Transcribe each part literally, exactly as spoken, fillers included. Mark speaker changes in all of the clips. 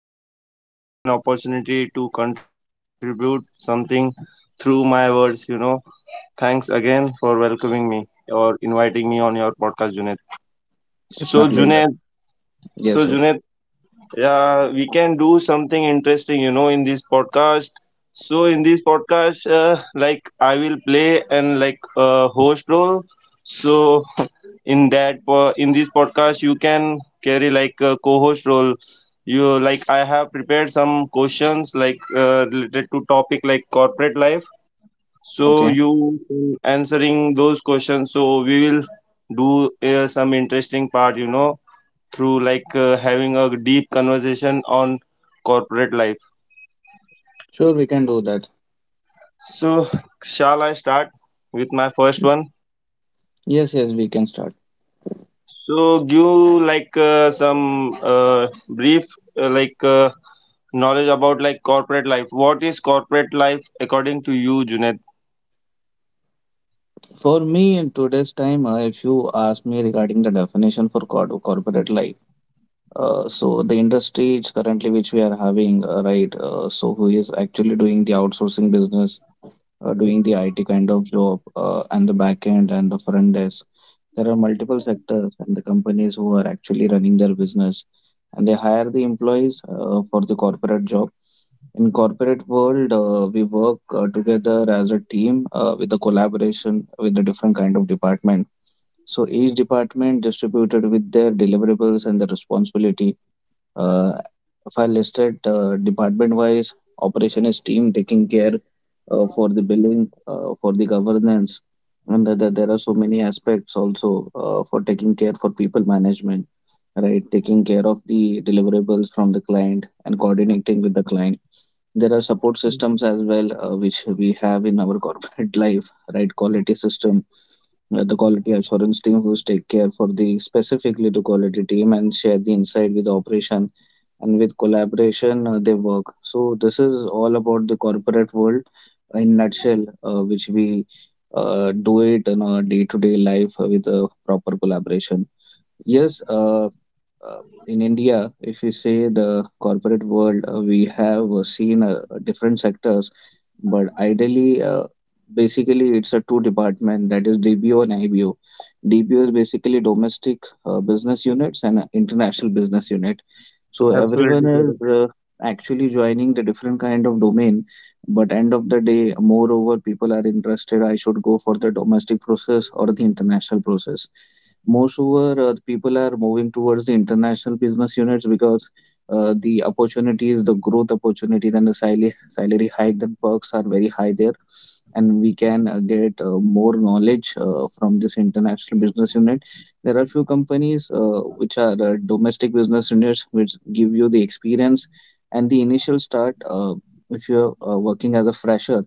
Speaker 1: and giving me an opportunity to contribute something through my words. You know, thanks again for welcoming me or inviting me on your podcast, Junit. So,
Speaker 2: It's my
Speaker 1: Junaid,
Speaker 2: pleasure.
Speaker 1: so
Speaker 2: Yes, yes.
Speaker 1: Junaid, yeah, we can do something interesting, you know, in this podcast. So, in this podcast, uh, like I will play and like uh, host role. So, in that po- in this podcast you can carry like a co-host role. You like I have prepared some questions like uh, related to topic like corporate life, so
Speaker 2: Okay,
Speaker 1: you uh, answering those questions, so we will do uh, some interesting part you know Through like uh, having a deep conversation on corporate life,
Speaker 2: sure, we can do that.
Speaker 1: so shall I start with my first one?
Speaker 2: Yes, yes, we can start.
Speaker 1: So give like uh, some uh, brief uh, like uh, knowledge about like corporate life. What is corporate life according to you, Junaid?
Speaker 2: For me, in today's time, uh, if you ask me regarding the definition for cor- corporate life, uh, so the industry is currently which we are having, uh, right? Uh, so who is actually doing the outsourcing business? Uh, doing the I T kind of job uh, and the back end and the front desk. There are multiple sectors and the companies who are actually running their business and they hire the employees uh, for the corporate job. In corporate world, uh, we work uh, together as a team uh, with the collaboration with the different kind of department. So each department distributed with their deliverables and the responsibility uh, if I listed uh, department wise, operation is team taking care uh, for the billing, uh, for the governance, and the, the, there are so many aspects also uh, for taking care for people management, right? Taking care of the deliverables from the client and coordinating with the client. There are support systems as well, uh, which we have in our corporate life, right? Quality system, uh, the quality assurance team who take care for the specifically to quality team and share the insight with operation and with collaboration uh, they work. So this is all about the corporate world in nutshell uh, which we uh, do it in our day-to-day life with a proper collaboration. Yes, uh, uh, in india if we say the corporate world, uh, we have uh, seen uh, different sectors, but ideally, uh, basically, it's a two department, that is D B O and I B O. D B O is basically domestic uh, business units and uh, international business unit. So everyone
Speaker 1: Absolutely
Speaker 2: is uh,
Speaker 1: correct.
Speaker 2: actually joining the different kind of domain. But end of the day, moreover, people are interested. I should go for the domestic process or the international process. Moreover, uh, the people are moving towards the international business units because uh, the opportunities, the growth opportunities, and the salary salary hike and perks are very high there and we can uh, get uh, more knowledge uh, from this international business unit. There are few companies uh, which are uh, domestic business units which give you the experience and the initial start, uh, if you're uh, working as a fresher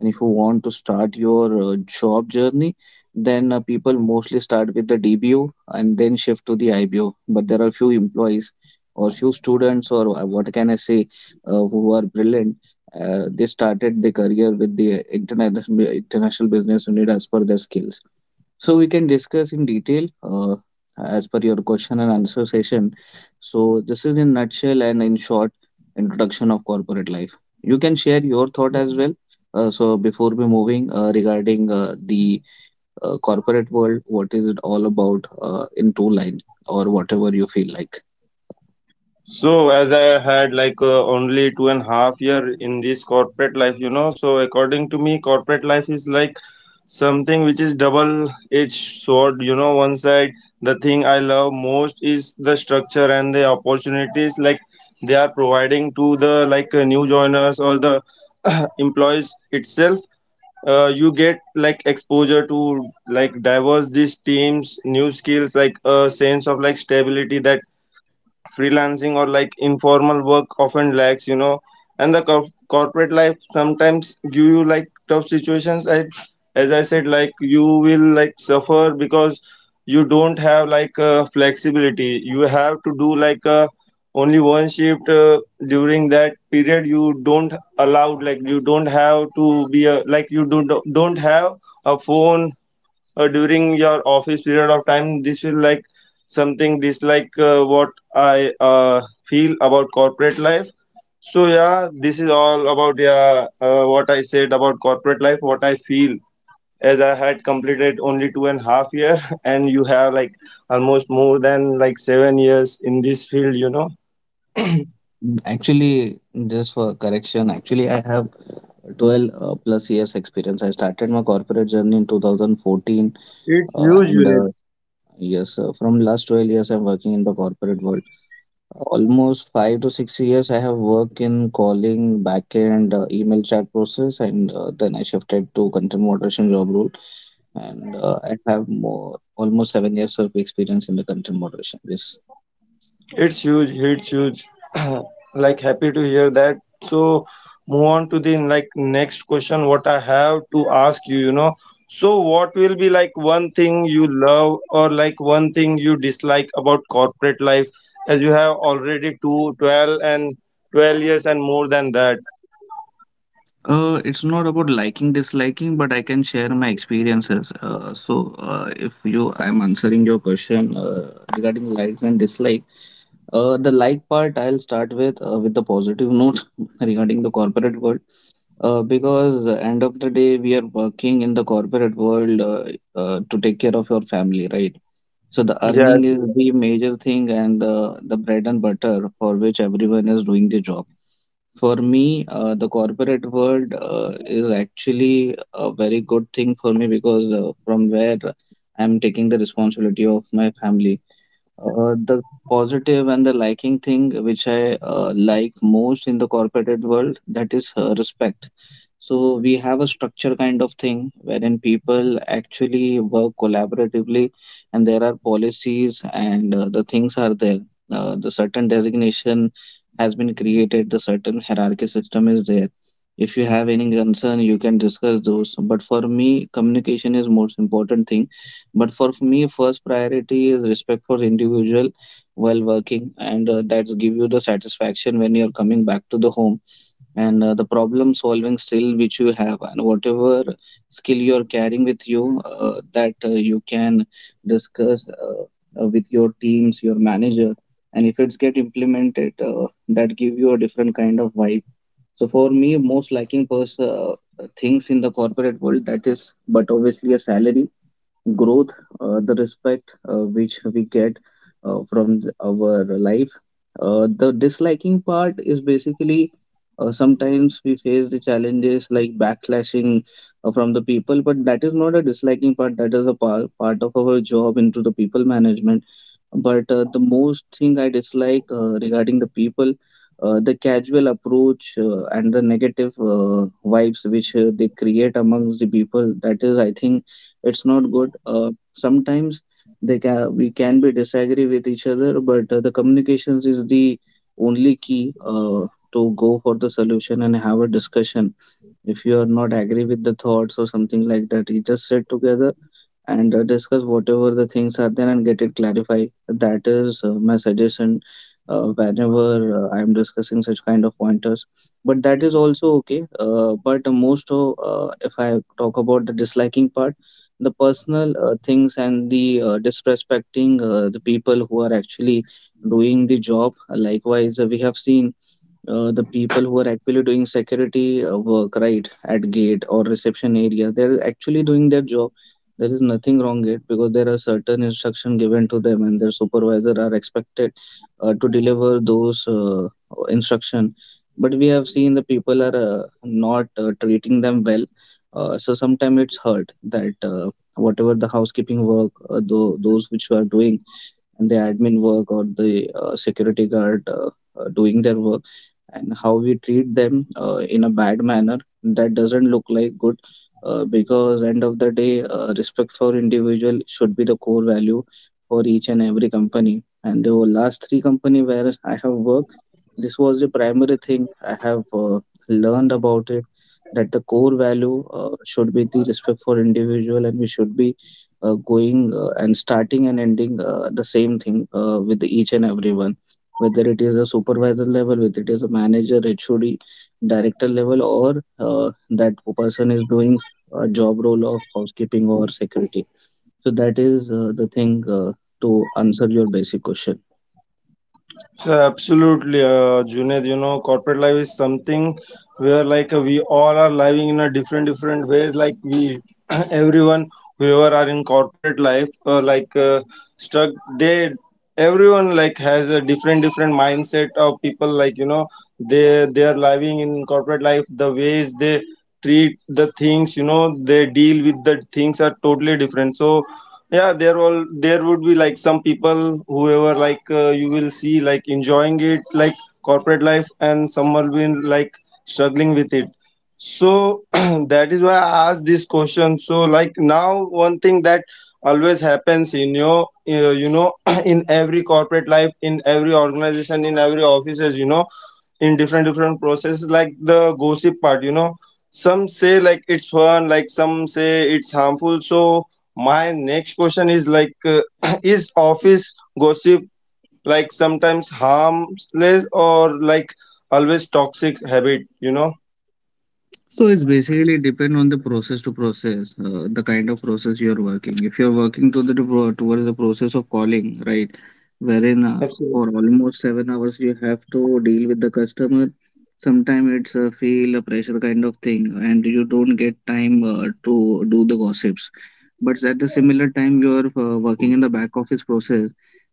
Speaker 2: and if you want to start your uh, job journey, then uh, people mostly start with the D B O and then shift to the I B O. But there are few employees or few students, or uh, what can I say, uh, who are brilliant, uh, they started their career with the international international business unit as per their skills. So we can discuss in detail uh, as per your question and answer session. So this is in nutshell and in short introduction of corporate life. You can share your thought as well. Uh, so before we moving uh, regarding uh, the uh, corporate world, what is it all about uh, in two line or whatever you feel like.
Speaker 1: So as I had like uh, only two and a half year in this corporate life, you know. So according to me, corporate life is like something which is double edged sword. You know, one side the thing I love most is the structure and the opportunities like they are providing to the like uh, new joiners or the employees itself. Uh, you get like exposure to like diverse these teams, new skills, like a sense of like stability that freelancing or like informal work often lacks you know And the cor- corporate life sometimes give you like tough situations. And as I said, like you will like suffer because you don't have like uh, flexibility. You have to do like uh, only one shift uh, during that period. You don't allowed, like you don't have to be a, like you don't don't have a phone uh, during your office period of time. This will like something dislike uh, what I uh, feel about corporate life. So yeah, this is all about, yeah, uh, what I said about corporate life, what I feel, as I had completed only two and a half year and you have like almost more than like seven years in this field you know
Speaker 2: Mm, actually, just for correction, actually, I have twelve uh, plus years experience. I started my corporate journey in twenty fourteen,
Speaker 1: It's
Speaker 2: uh,
Speaker 1: huge
Speaker 2: and
Speaker 1: unit.
Speaker 2: uh, yes, uh, from last twelve years, I'm working in the corporate world. Almost five to six years, I have worked in calling, backend, uh, email chat process, and uh, then I shifted to content moderation job role. And uh, I have more almost seven years of experience in the content moderation. Yes.
Speaker 1: It's huge. It's huge. Like, happy to hear that. So move on to the like next question. What I have to ask you, you know. So what will be like one thing you love or like one thing you dislike about corporate life, as you have already two, twelve and twelve years and more than that.
Speaker 2: Uh, it's not about liking, disliking, but I can share my experiences. Uh, so, uh, if you, I'm answering your question uh, regarding likes and dislike. Uh, the like part, I'll start with uh, with the positive note regarding the corporate world. Uh, because the end of the day, we are working in the corporate world uh, uh, to take care of your family, right? So the earning
Speaker 1: Yes.
Speaker 2: is
Speaker 1: Yes.
Speaker 2: the major thing and the, the bread and butter for which everyone is doing the job. For me, uh, the corporate world uh, is actually a very good thing for me because uh, from where I'm taking the responsibility of my family. Uh, the positive and the liking thing which I uh, like most in the corporate world, that is uh, respect. So we have a structure kind of thing wherein people actually work collaboratively and there are policies and uh, the things are there. Uh, the certain designation has been created, the certain hierarchy system is there. If you have any concern, you can discuss those. But for me, communication is most important thing, but for me, first priority is respect for individual while working, and uh, that's give you the satisfaction when you're coming back to the home and uh, the problem solving skill which you have and whatever skill you're carrying with you, uh, that uh, you can discuss uh, uh, with your teams, your manager, and if it's get implemented, uh, that give you a different kind of vibe. So for me, most liking pers- uh, things in the corporate world, that is, but obviously a salary growth, uh, the respect uh, which we get uh, from th- our life. Uh, the disliking part is basically uh, sometimes we face the challenges like backslashing uh, from the people, but that is not a disliking part, that is a par- part of our job into the people management, but uh, the most thing I dislike uh, regarding the people, uh, the casual approach uh, and the negative uh, vibes which uh, they create amongst the people. That is, I think it's not good. Uh, sometimes they can we can be disagree with each other, but uh, the communications is the only key uh, to go for the solution and have a discussion. If you are not agree with the thoughts or something like that, you just sit together and uh, discuss whatever the things are there and get it clarified. That is uh, my suggestion uh, whenever uh, I am discussing such kind of pointers. But that is also okay. Uh, but most of, uh, if I talk about the disliking part, the personal uh, things and the uh, disrespecting uh, the people who are actually doing the job. Likewise, uh, we have seen uh, the people who are actually doing security uh, work right at gate or reception area, they're actually doing their job. There is nothing wrong it because there are certain instruction given to them and their supervisor are expected uh, to deliver those uh, instruction, but we have seen the people are uh, not uh, treating them well. Uh, so sometimes it's hurt that, uh, whatever the housekeeping work, uh, tho- those which you are doing and the admin work or the uh, security guard uh, uh, doing their work, and how we treat them uh, in a bad manner, that doesn't look like good, uh, because end of the day, uh, respect for individual should be the core value for each and every company, and the last three company where I have worked, this was the primary thing I have uh, learned about it, that the core value uh, should be the respect for individual, and we should be uh, going uh, and starting and ending uh, the same thing uh, with each and everyone, whether it is a supervisor level, whether it is a manager, H O D, director level, or uh, that person is doing a job role of housekeeping or security. So that is uh, the thing uh, to answer your basic question.
Speaker 1: So absolutely, uh, Junaid. You know, corporate life is something where like uh, we all are living in a different different ways. Like we, everyone, whoever are in corporate life, uh, like uh, stuck. They everyone like has a different different mindset of people. Like, you know, they they are living in corporate life. The ways they treat the things, you know, they deal with the things are totally different. So yeah, there all there would be like some people whoever like uh, you will see like enjoying it like corporate life, and some will be like struggling with it. So that is why I asked this question. So like, now, one thing that always happens in your uh, you know in every corporate life, in every organization, in every offices you know in different different processes, like the gossip part you know Some say like it's fun, like some say it's harmful. So my next question is like uh, is office gossip like sometimes harmless or like always toxic habit you know
Speaker 2: So it's basically depend on the process to process, uh, the kind of process you're working. If you're working to the to- uh, towards the process of calling, right, wherein uh, for
Speaker 1: Absolutely,
Speaker 2: almost seven hours you have to deal with the customer. Sometimes it's a feel a pressure kind of thing, and you don't get time uh, to do the gossips. But at the similar time, you are uh, working in the back office process,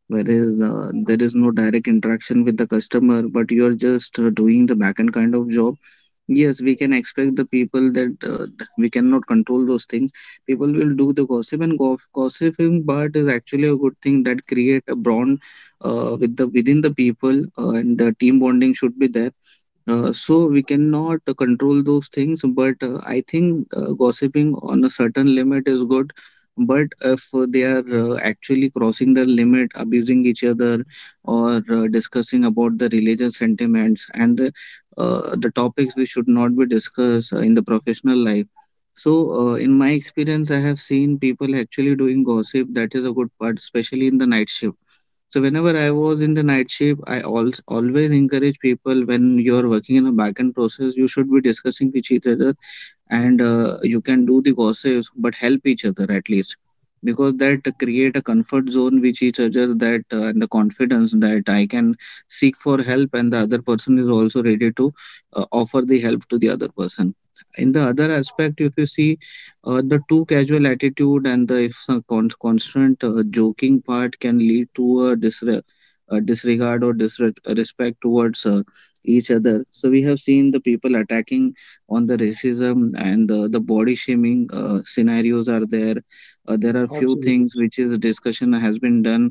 Speaker 2: whereas uh, there is no direct interaction with the customer, but you are just uh, doing the back end kind of job. Yes, we can expect the people that uh, th- we cannot control those things. People will do the gossip and go gossiping, but is actually a good thing that create a bond uh, with the within the people uh, and the team bonding should be there. Uh, so we cannot control those things, but uh, I think uh, gossiping on a certain limit is good. But if they are uh, actually crossing the limit, abusing each other, or uh, discussing about the religious sentiments and the uh, the topics we should not be discussed uh, in the professional life. So, uh, in my experience, I have seen people actually doing gossip. That is a good part, especially in the night shift. So whenever I was in the night shift, I al- always encourage people when you are working in a backend process, you should be discussing with each other, and uh, you can do the gossips but help each other at least, because that create a comfort zone which each other that uh, and the confidence that I can seek for help and the other person is also ready to uh, offer the help to the other person. In the other aspect, if you see, uh, the too casual attitude and the if some con- constant uh, joking part can lead to a disre- uh, disregard or disrespect towards uh, each other. So we have seen the people attacking on the racism and the, the body shaming uh, scenarios are there. Uh, there are few
Speaker 1: absolutely,
Speaker 2: things which is discussion has been done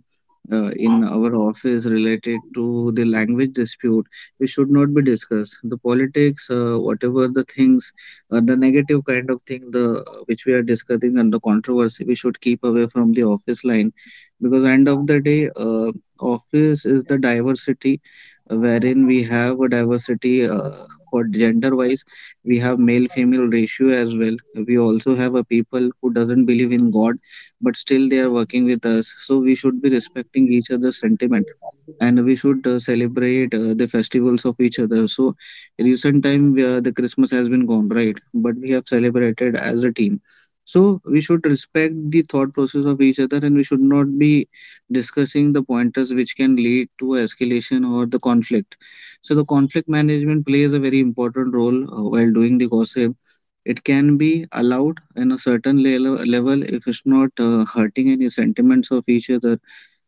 Speaker 2: uh, in our office related to the language dispute. We should not be discussed the politics, uh, whatever the things, uh, the negative kind of thing the which we are discussing and the controversy. We should keep away from the office line, because end of the day, uh, office is the diversity, uh, wherein we have a diversity, uh, for gender wise we have male female ratio. As well, we also have a people who doesn't believe in god, but still they are working with us. So we should be respecting each other's sentiment, and we should uh, celebrate uh, the festivals of each other. So recent time, uh, the Christmas has been gone, right? But we have celebrated as a team. So we should respect the thought process of each other, and we should not be discussing the pointers which can lead to escalation or the conflict. So the conflict management plays a very important role uh, while doing the gossip. It can be allowed in a certain le- level if it's not uh, hurting any sentiments of each other.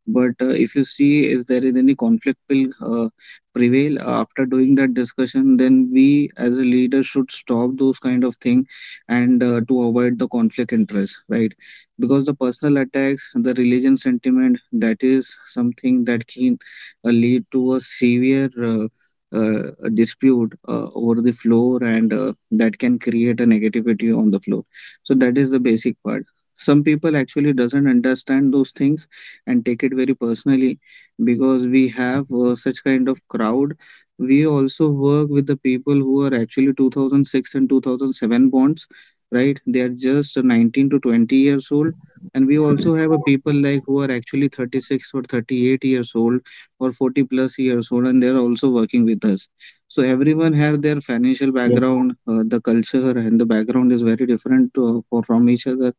Speaker 2: But uh, if you see if there is any conflict will uh, prevail after doing that discussion, then we as a leader should stop those kind of thing, and uh, to avoid the conflict interest, right? Because the personal attacks, the religion sentiment, that is something that can uh, lead to a severe uh, uh, dispute uh, over the floor, and uh, that can create a negativity on the floor. So that is the basic part. Some people actually doesn't understand those things and take it very personally, because we have uh, such kind of crowd. We also work with the people who are actually two thousand six and two thousand seven bonds, right? They are just nineteen to twenty years old, and we also have a people like who are actually thirty-six or thirty-eight years old or forty plus years old, and they are also working with us. So everyone has their financial
Speaker 1: absolutely.
Speaker 2: background, uh, the culture and the background is very different uh, for, from each other.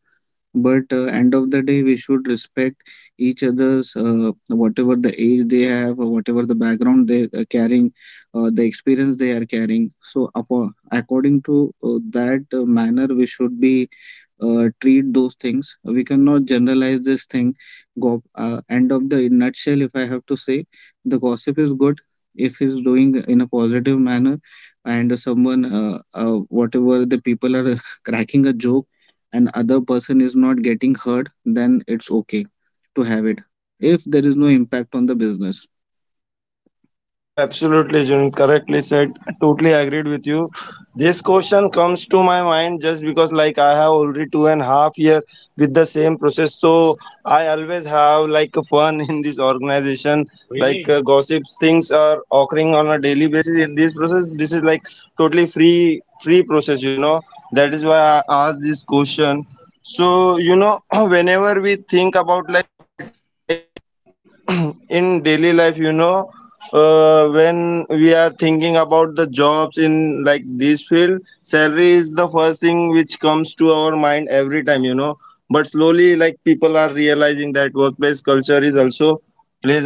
Speaker 2: But uh, end of the day, we should respect each other's, uh, whatever the age they have or whatever the background they are carrying, uh, the experience they are carrying. So apo- according to uh, that uh, manner, we should be uh, treat those things. We cannot generalize this thing. Go uh, End of the in nutshell, if I have to say, the gossip is good if he's doing in a positive manner, and someone uh, uh, whatever the people are cracking a joke and other person is not getting hurt, then it's okay to have it if there is no impact on the business.
Speaker 1: Absolutely, Jun. Correctly said. Totally agreed with you. This question comes to my mind just because, like, I have already two and a half year with the same process. So I always have like fun in this organization. Like, really? uh, gossips, things are occurring on a daily basis in this process. This is like totally free, free process. You know that is why I asked this question. So, you know, whenever we think about like in daily life you know uh, when we are thinking about the jobs in like this field, salary is the first thing which comes to our mind every time you know But slowly, like, people are realizing that workplace culture is also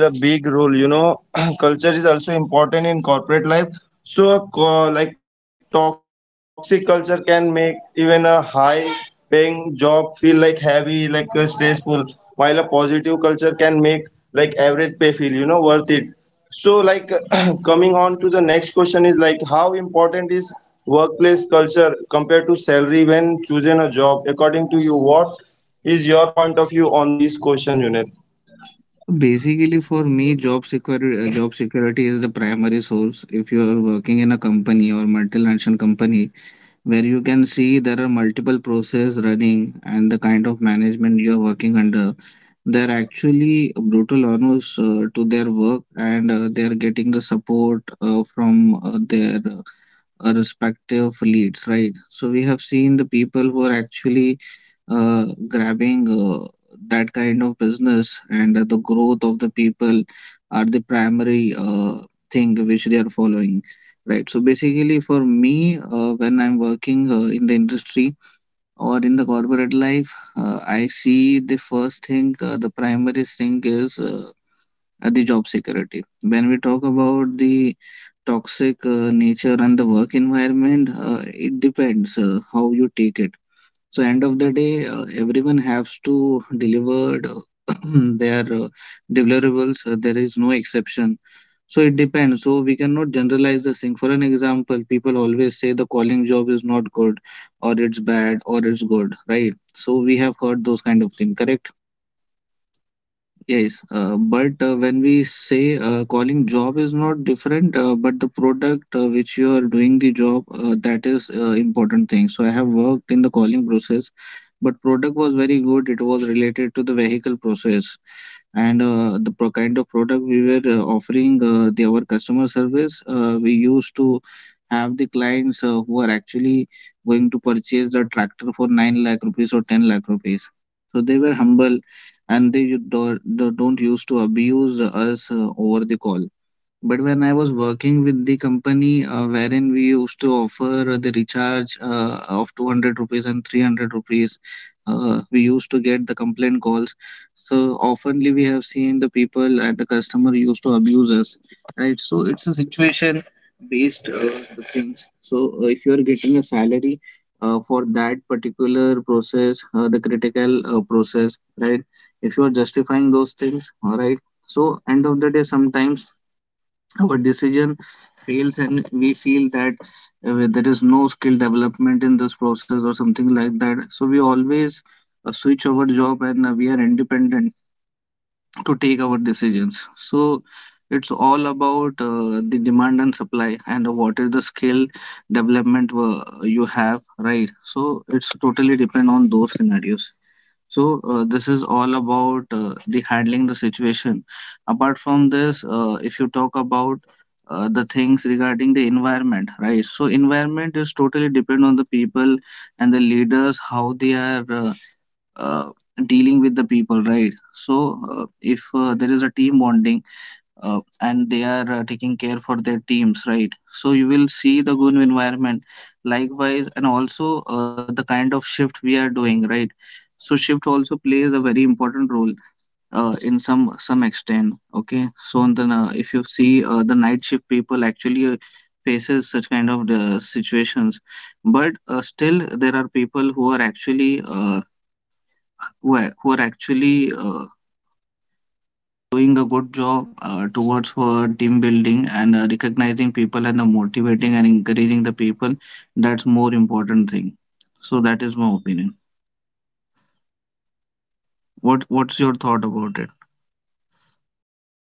Speaker 1: plays a big role you know Culture is also important in corporate life. So a co- like toxic culture can make even a high paying job feel like heavy, like uh, stressful, while a positive culture can make like average pay feel you know worth it. So like, coming on to the next question is like, how important is workplace culture compared to salary when choosing a job, according to you? What is your point of view on these question, unit?
Speaker 2: Basically, for me, job security, uh, job security is the primary source. If you are working in a company or multinational company where you can see there are multiple processes running and the kind of management you are working under, they're actually brutal honest uh, to their work, and uh, they are getting the support uh, from uh, their uh, respective leads, right? So we have seen the people who are actually uh, grabbing uh, that kind of business, and uh, the growth of the people are the primary uh, thing which they are following, right? So basically, for me, uh, when I'm working uh, in the industry or in the corporate life, uh, I see the first thing, uh, the primary thing is uh, uh, the job security. When we talk about the toxic uh, nature and the work environment, uh, it depends uh, how you take it. So end of the day, uh, everyone
Speaker 1: Yeah,
Speaker 2: has to
Speaker 1: absolutely, correct said,
Speaker 2: deliver
Speaker 1: correctly
Speaker 2: uh,
Speaker 1: said, Junaid.
Speaker 2: their
Speaker 1: You
Speaker 2: uh,
Speaker 1: know, like,
Speaker 2: deliverables. Uh, there
Speaker 1: you
Speaker 2: is no
Speaker 1: know, whenever
Speaker 2: exception.
Speaker 1: we are
Speaker 2: So
Speaker 1: thinking
Speaker 2: it
Speaker 1: about
Speaker 2: depends.
Speaker 1: job,
Speaker 2: So we cannot
Speaker 1: uh,
Speaker 2: generalize the
Speaker 1: in
Speaker 2: thing. For
Speaker 1: my
Speaker 2: an
Speaker 1: mind
Speaker 2: example,
Speaker 1: always
Speaker 2: people
Speaker 1: come like,
Speaker 2: always say
Speaker 1: you
Speaker 2: the
Speaker 1: know,
Speaker 2: calling job is
Speaker 1: the
Speaker 2: not good,
Speaker 1: culture part
Speaker 2: or
Speaker 1: because
Speaker 2: it's bad,
Speaker 1: for
Speaker 2: or it's
Speaker 1: me,
Speaker 2: good, right?
Speaker 1: uh, if
Speaker 2: So
Speaker 1: we
Speaker 2: we have
Speaker 1: come,
Speaker 2: heard
Speaker 1: I
Speaker 2: those kind of
Speaker 1: compare
Speaker 2: things,
Speaker 1: like
Speaker 2: correct?
Speaker 1: money with culture, so culture
Speaker 2: Yes,
Speaker 1: is more
Speaker 2: uh,
Speaker 1: impo-
Speaker 2: but uh, when
Speaker 1: important
Speaker 2: we
Speaker 1: to me, you
Speaker 2: say
Speaker 1: know.
Speaker 2: uh, calling
Speaker 1: That is why
Speaker 2: job is
Speaker 1: I
Speaker 2: not
Speaker 1: ask you
Speaker 2: different, uh,
Speaker 1: like
Speaker 2: but the product
Speaker 1: uh,
Speaker 2: uh,
Speaker 1: this
Speaker 2: which you are
Speaker 1: question,
Speaker 2: doing
Speaker 1: Junaid.
Speaker 2: the job, uh, that is uh, important thing. So I have
Speaker 1: And
Speaker 2: worked
Speaker 1: like,
Speaker 2: in the calling
Speaker 1: after
Speaker 2: process,
Speaker 1: uh,
Speaker 2: but
Speaker 1: after
Speaker 2: product
Speaker 1: whenever
Speaker 2: was
Speaker 1: like
Speaker 2: very
Speaker 1: uh,
Speaker 2: good. It was
Speaker 1: we
Speaker 2: related
Speaker 1: passes
Speaker 2: to the
Speaker 1: the
Speaker 2: vehicle
Speaker 1: COVID period, you
Speaker 2: process,
Speaker 1: know, Junaid,
Speaker 2: and
Speaker 1: uh,
Speaker 2: uh, the
Speaker 1: like
Speaker 2: pro-
Speaker 1: uh,
Speaker 2: kind of product we
Speaker 1: teamwork
Speaker 2: were uh,
Speaker 1: balance become a
Speaker 2: offering,
Speaker 1: big
Speaker 2: uh, the,
Speaker 1: part
Speaker 2: our
Speaker 1: in
Speaker 2: customer
Speaker 1: like
Speaker 2: service,
Speaker 1: our
Speaker 2: uh, we
Speaker 1: process.
Speaker 2: used
Speaker 1: Uh,
Speaker 2: to
Speaker 1: Like uh,
Speaker 2: have the
Speaker 1: some pe-
Speaker 2: clients
Speaker 1: employees
Speaker 2: uh,
Speaker 1: were
Speaker 2: who are
Speaker 1: feeling like
Speaker 2: actually
Speaker 1: more
Speaker 2: going
Speaker 1: free
Speaker 2: to
Speaker 1: and like
Speaker 2: purchase the tractor
Speaker 1: focus
Speaker 2: for nine
Speaker 1: on
Speaker 2: lakh
Speaker 1: at
Speaker 2: rupees or
Speaker 1: home.
Speaker 2: ten
Speaker 1: Like
Speaker 2: lakh rupees.
Speaker 1: when like
Speaker 2: So
Speaker 1: uh,
Speaker 2: they were
Speaker 1: we are
Speaker 2: humble,
Speaker 1: uh,
Speaker 2: and they
Speaker 1: working
Speaker 2: do,
Speaker 1: through our
Speaker 2: do, don't
Speaker 1: home,
Speaker 2: used
Speaker 1: while
Speaker 2: to
Speaker 1: like others
Speaker 2: abuse
Speaker 1: feeling
Speaker 2: us uh, over
Speaker 1: disconnected
Speaker 2: the call.
Speaker 1: from their
Speaker 2: But when
Speaker 1: teams.
Speaker 2: I
Speaker 1: You
Speaker 2: was
Speaker 1: know, it's
Speaker 2: working
Speaker 1: mix
Speaker 2: with
Speaker 1: of
Speaker 2: the
Speaker 1: comfort
Speaker 2: company uh,
Speaker 1: and
Speaker 2: wherein we used
Speaker 1: loneliness
Speaker 2: to
Speaker 1: you know
Speaker 2: offer
Speaker 1: These
Speaker 2: the
Speaker 1: feelings
Speaker 2: recharge
Speaker 1: occurs
Speaker 2: uh,
Speaker 1: whenever we
Speaker 2: of
Speaker 1: are like
Speaker 2: two hundred rupees and
Speaker 1: working from
Speaker 2: three hundred
Speaker 1: our
Speaker 2: rupees,
Speaker 1: home. The
Speaker 2: uh,
Speaker 1: debate
Speaker 2: we
Speaker 1: is
Speaker 2: used to
Speaker 1: still
Speaker 2: get the
Speaker 1: strong about
Speaker 2: complaint
Speaker 1: like
Speaker 2: calls.
Speaker 1: whether remote
Speaker 2: So
Speaker 1: work like
Speaker 2: oftenly
Speaker 1: is
Speaker 2: we have
Speaker 1: truly
Speaker 2: seen
Speaker 1: or
Speaker 2: the
Speaker 1: productive
Speaker 2: people
Speaker 1: or
Speaker 2: and the
Speaker 1: not.
Speaker 2: customer used to
Speaker 1: So my
Speaker 2: abuse us,
Speaker 1: question is like
Speaker 2: right?
Speaker 1: uh,
Speaker 2: So it's a
Speaker 1: what do you
Speaker 2: situation
Speaker 1: think
Speaker 2: based uh,
Speaker 1: about
Speaker 2: the
Speaker 1: like
Speaker 2: things.
Speaker 1: uh, remote
Speaker 2: So uh,
Speaker 1: life
Speaker 2: if you are getting a
Speaker 1: uh,
Speaker 2: salary
Speaker 1: if we compare
Speaker 2: uh,
Speaker 1: it
Speaker 2: for
Speaker 1: with
Speaker 2: that
Speaker 1: uh,
Speaker 2: particular
Speaker 1: corporate life?
Speaker 2: process, uh, the critical uh, process, right? If you are justifying those things, all right. So end of the day, sometimes our decision fails, and we
Speaker 1: Hello,
Speaker 2: feel
Speaker 1: Junaid,
Speaker 2: that
Speaker 1: am I
Speaker 2: uh, there
Speaker 1: audible
Speaker 2: is
Speaker 1: to you?
Speaker 2: no skill development in this process or something like that. So we always uh, switch our job, and uh, we are independent to take our decisions. So it's all about uh, the demand and supply, and what is the skill development uh, you have, right? So it's totally depend on those scenarios. So uh, this is all about uh, the handling the situation. Apart from this, uh, if you talk about uh, the things regarding the environment, right? So environment is totally depend on the people and the leaders how they are uh, uh, dealing with the people, right? So uh, if uh, there is a team bonding uh, and they are uh, taking care for their teams, right? So you will see the good environment likewise, and also uh, the kind of shift we are doing, right? So shift also plays a very important role uh, in some some extent, okay? So on the na- if you see uh, the night shift people actually uh, faces such kind of uh, situations. But uh, still there are people who are actually uh, who are, who are actually uh, doing a good job uh, towards for team building, and uh, recognizing people and the motivating and encouraging the people. That's more important thing. So that is my opinion. What What's your thought about it?